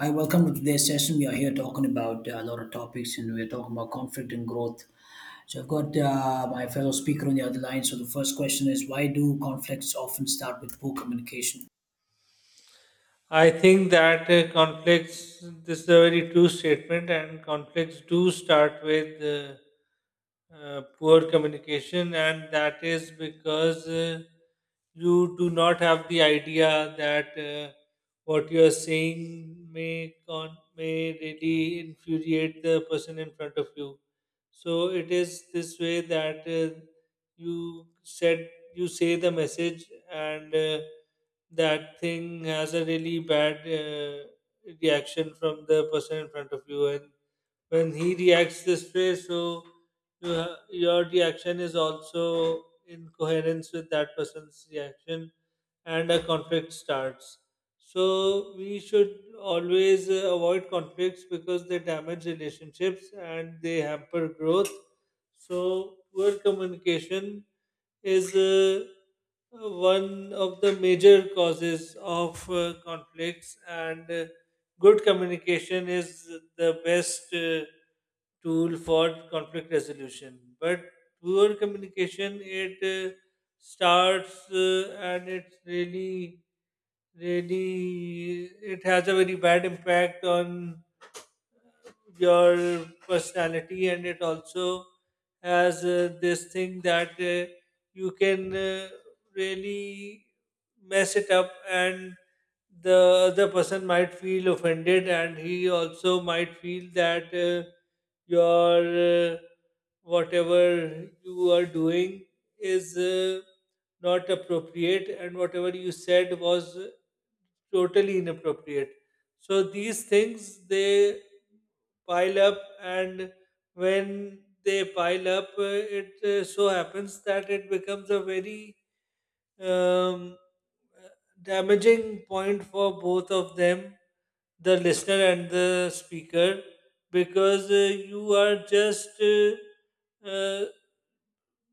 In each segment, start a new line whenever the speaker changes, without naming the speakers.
Hi, welcome to today's session. We are here talking about a lot of topics and we're talking about conflict and growth. So, I've got my fellow speaker on the other line. So, the first question is why do conflicts often start with poor communication?
I think that conflicts, this is a very true statement, and conflicts do start with poor communication, and that is because you do not have the idea that what you are saying may really infuriate the person in front of you. So it is this way that you said you say the message and that thing has a really bad reaction from the person in front of you, and when he reacts this way, so your reaction is also in coherence with that person's reaction, and a conflict starts. So we should always avoid conflicts because they damage relationships and they hamper growth. So poor communication is one of the major causes of conflicts, and good communication is the best tool for conflict resolution. But poor communication, it starts and it's really, it has a very bad impact on your personality, and it also has this thing that you can really mess it up, and the other person might feel offended, and he also might feel that your whatever you are doing is not appropriate, and whatever you said was totally inappropriate. So these things, they pile up, and when they pile up, it so happens that it becomes a very um, uh, damaging point for both of them, the listener and the speaker, because you are just uh,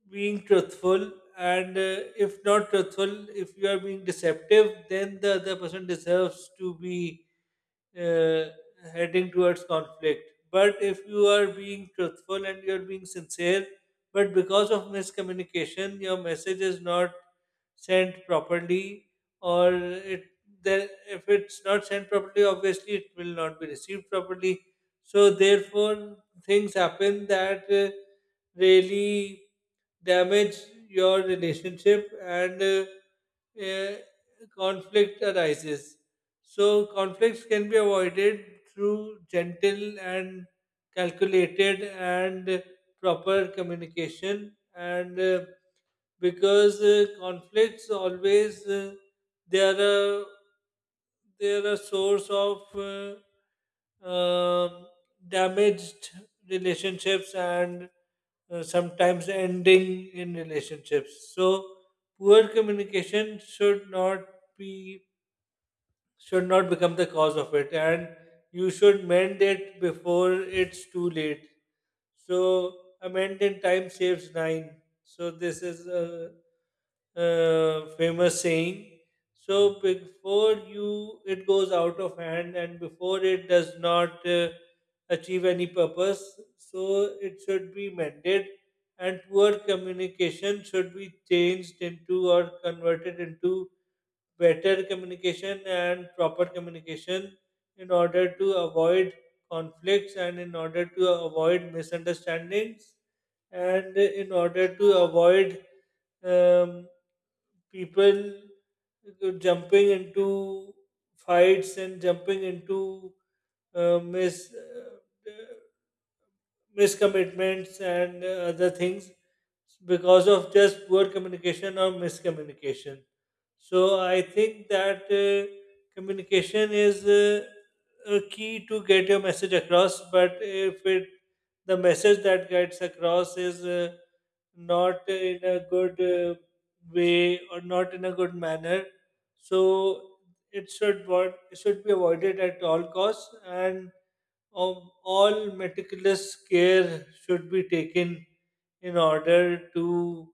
being truthful, and if not truthful, if you are being deceptive, then the other person deserves to be uh, heading towards conflict. But if you are being truthful and you are being sincere, but because of miscommunication your message is not sent properly, or it then if it's not sent properly, obviously it will not be received properly. So therefore things happen that really damage your relationship, and uh, conflict arises. So conflicts can be avoided through gentle and calculated and proper communication, and because conflicts always, they are a they're a source of um damaged relationships and sometimes ending in relationships. So poor communication should not be should not become the cause of it, and you should mend it before it's too late. So amend in time saves nine. So this is a famous saying. So before you, it goes out of hand, and before it does not achieve any purpose, so it should be mended, and poor communication should be changed into or converted into better communication and proper communication in order to avoid conflicts, and in order to avoid misunderstandings, and in order to avoid um, people jumping into fights and jumping into uh, mis- uh, miscommitments and other things because of just poor communication or miscommunication. So I think that communication is a key to get your message across. But if it the message that gets across is not in a good way, or not in a good manner, so it should what it should be avoided at all costs, and all meticulous care should be taken in order to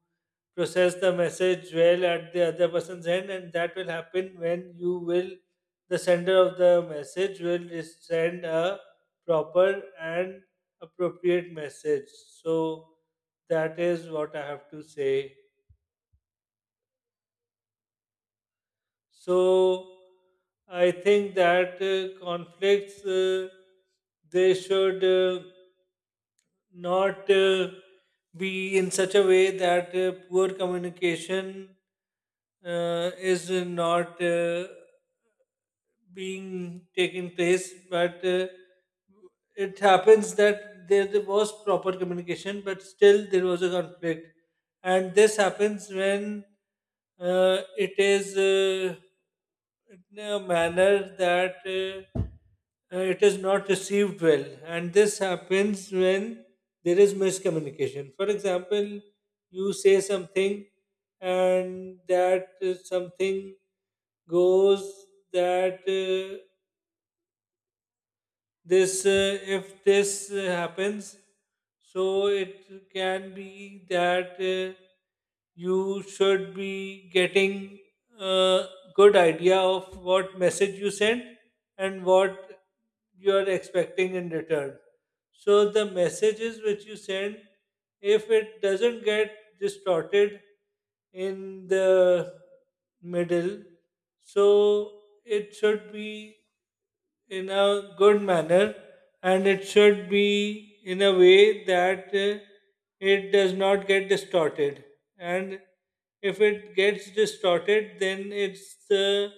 process the message well at the other person's end, and that will happen when you will the sender of the message will send a proper and appropriate message. So that is what I have to say. So I think that conflicts they should. Not be in such a way that poor communication is not being taken place, but it happens that there was proper communication but still there was a conflict, and this happens when it is in a manner that it is not received well, and this happens when there is miscommunication. For example, you say something, and that something goes, that this if this happens, so it can be that you should be getting a good idea of what message you sent and what you are expecting in return. So the messages which you send, if it doesn't get distorted in the middle, so it should be in a good manner, and it should be in a way that it does not get distorted. And if it gets distorted, then it's the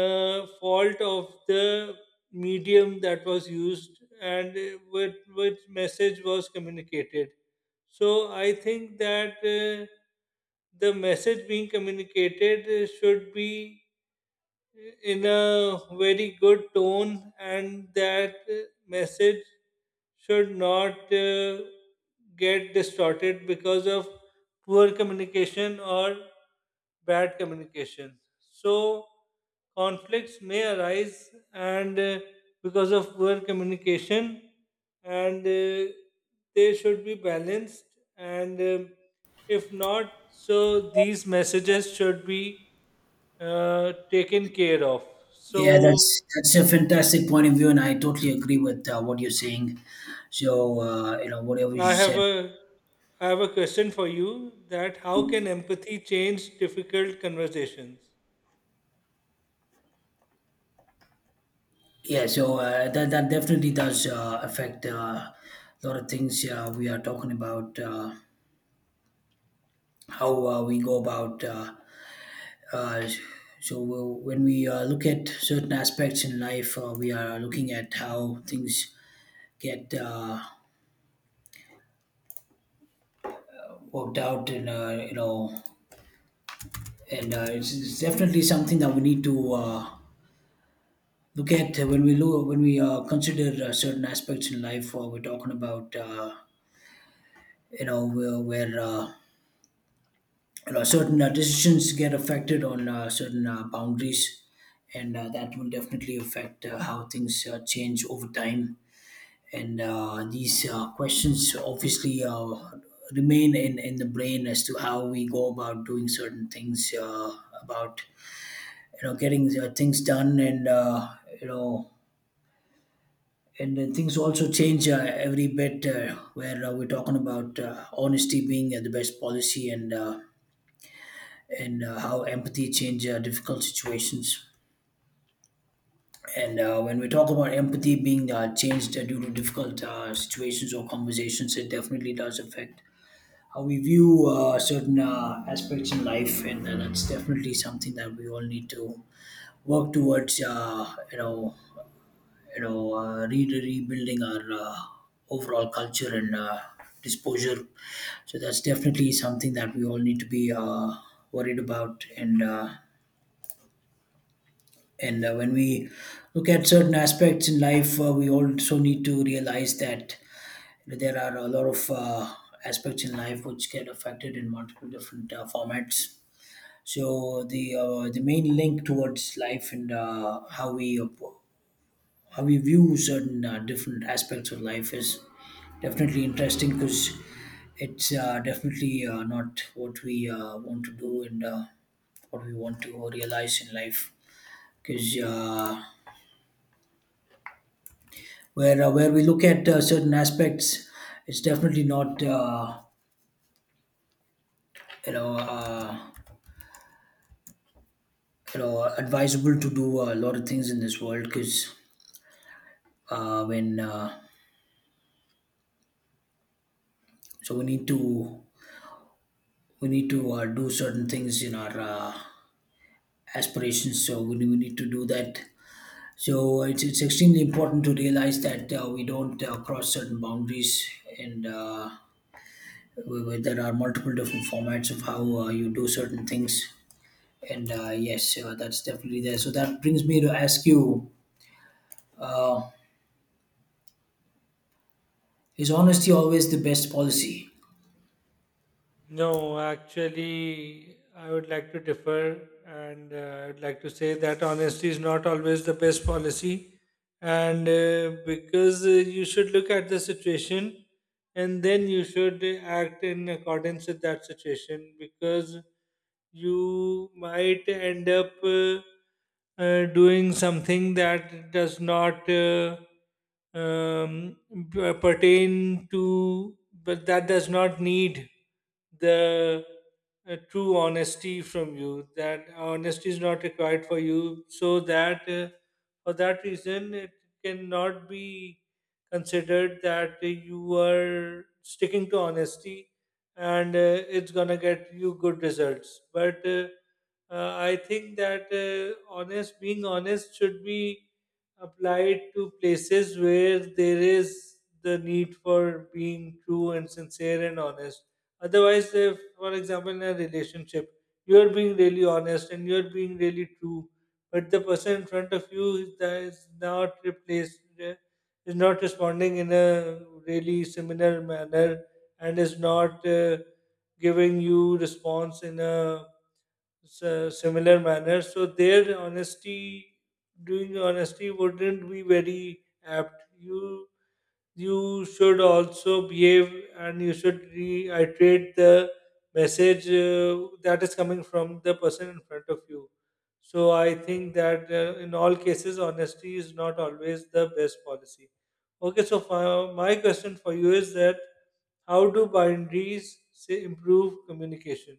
fault of the medium that was used, and with which message was communicated. So I think that the message being communicated should be in a very good tone, and that message should not get distorted because of poor communication or bad communication. So conflicts may arise, and because of poor communication, and they should be balanced, and if not, so these messages should be taken care of.
Yeah,
So
that's a fantastic point of view, and I totally agree with what you're saying. So, whatever you
I have
said,
a I have a question for you, that how can empathy change difficult conversations?
yeah. So that definitely does affect a lot of things. We are talking about how we go about. Uh, Uh, so when we look at certain aspects in life. We are looking at how things get worked out, and it's definitely something that we need to look at when we consider certain aspects in life. We're talking about where certain decisions get affected on certain boundaries, and that will definitely affect how things change over time, and these questions obviously remain in the brain as to how we go about doing certain things about getting things done, and you know and then things also change every bit, where we're talking about honesty being the best policy, and how empathy change difficult situations. And when we talk about empathy being changed due to difficult situations or conversations, it definitely does affect how we view certain aspects in life, and it's definitely something that we all need to work towards. Rebuilding our overall culture and disposure. So that's definitely something that we all need to be worried about. And when we look at certain aspects in life, we also need to realize that there are a lot of aspects in life which get affected in multiple different formats. So the main link towards life and how we view certain different aspects of life is definitely interesting because it's definitely not what we want to do and what we want to realize in life, because where we look at certain aspects, it's definitely not you know uh, advisable to do a lot of things in this world. Because uh, when uh, so we need to do certain things in our aspirations, so we need to do that. So it's extremely important to realize that we don't cross certain boundaries, and there are multiple different formats of how you do certain things. And yes, that's definitely there. So that brings me to ask you, uh, is honesty always the best policy?
No, actually, I would like to differ, and I'd like to say that honesty is not always the best policy, and because you should look at the situation, and then you should act in accordance with that situation, because you might end up doing something that does not um, pertain to, but that does not need the true honesty from you, that honesty is not required for you. So that for that reason it cannot be considered that you are sticking to honesty, and it's gonna get you good results. But I think that honest being honest should be applied to places where there is the need for being true and sincere and honest. Otherwise, if, for example, in a relationship, you're being really honest and you're being really true, but the person in front of you is not replaced, is not responding in a really similar manner, and is not giving you response in a similar manner. So their honesty, doing honesty, wouldn't be very apt. You should also behave, and you should reiterate the message that is coming from the person in front of you. So I think that in all cases, honesty is not always the best policy. Okay, so for, my question for you is that how do boundaries, say, improve communication?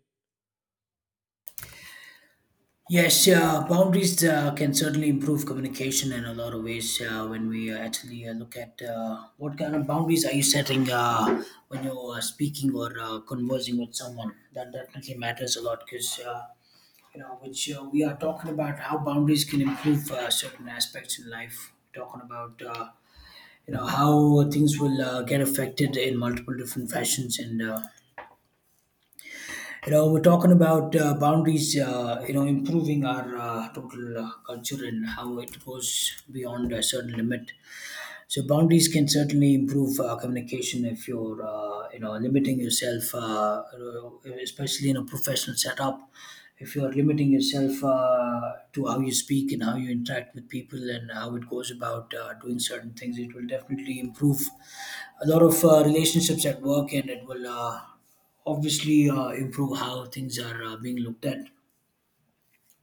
Yes, boundaries can certainly improve communication in a lot of ways. When we actually look at what kind of boundaries are you setting when you're speaking or conversing with someone, that definitely matters a lot. Because which we are talking about how boundaries can improve certain aspects in life. Talking about how things will get affected in multiple different fashions and. You know We're talking about boundaries, improving our total culture and how it goes beyond a certain limit. So boundaries can certainly improve communication if you're, limiting yourself, especially in a professional setup. If you're limiting yourself to how you speak and how you interact with people and how it goes about doing certain things, it will definitely improve a lot of relationships at work, and it will obviously improve how things are being looked at.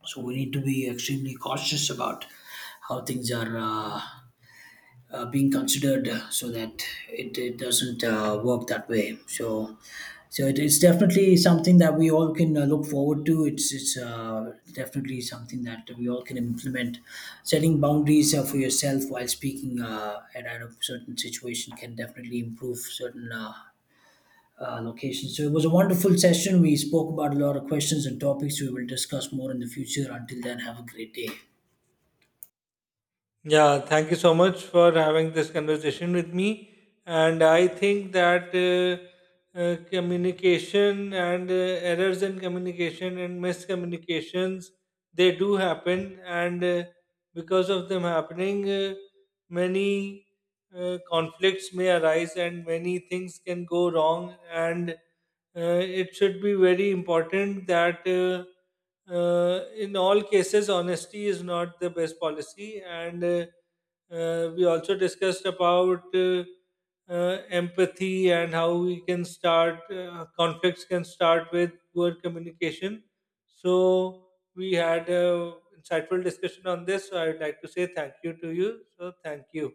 So we need to be extremely cautious about how things are, being considered, so that it doesn't work that way. So so it is definitely something that we all can look forward to. It's definitely something that we all can implement. Setting boundaries for yourself while speaking at a certain situation can definitely improve certain locations. So it was a wonderful session. We spoke about a lot of questions and topics. We will discuss more in the future. Until then, have a great day.
Yeah, thank you so much for having this conversation with me. And I think that communication and errors in communication and miscommunications, they do happen, and because of them happening, many conflicts may arise and many things can go wrong. And uh, it should be very important that in all cases, honesty is not the best policy. And we also discussed about empathy, and how we can start conflicts can start with poor communication. So we had a insightful discussion on this. So I would like to say thank you to you. So thank you.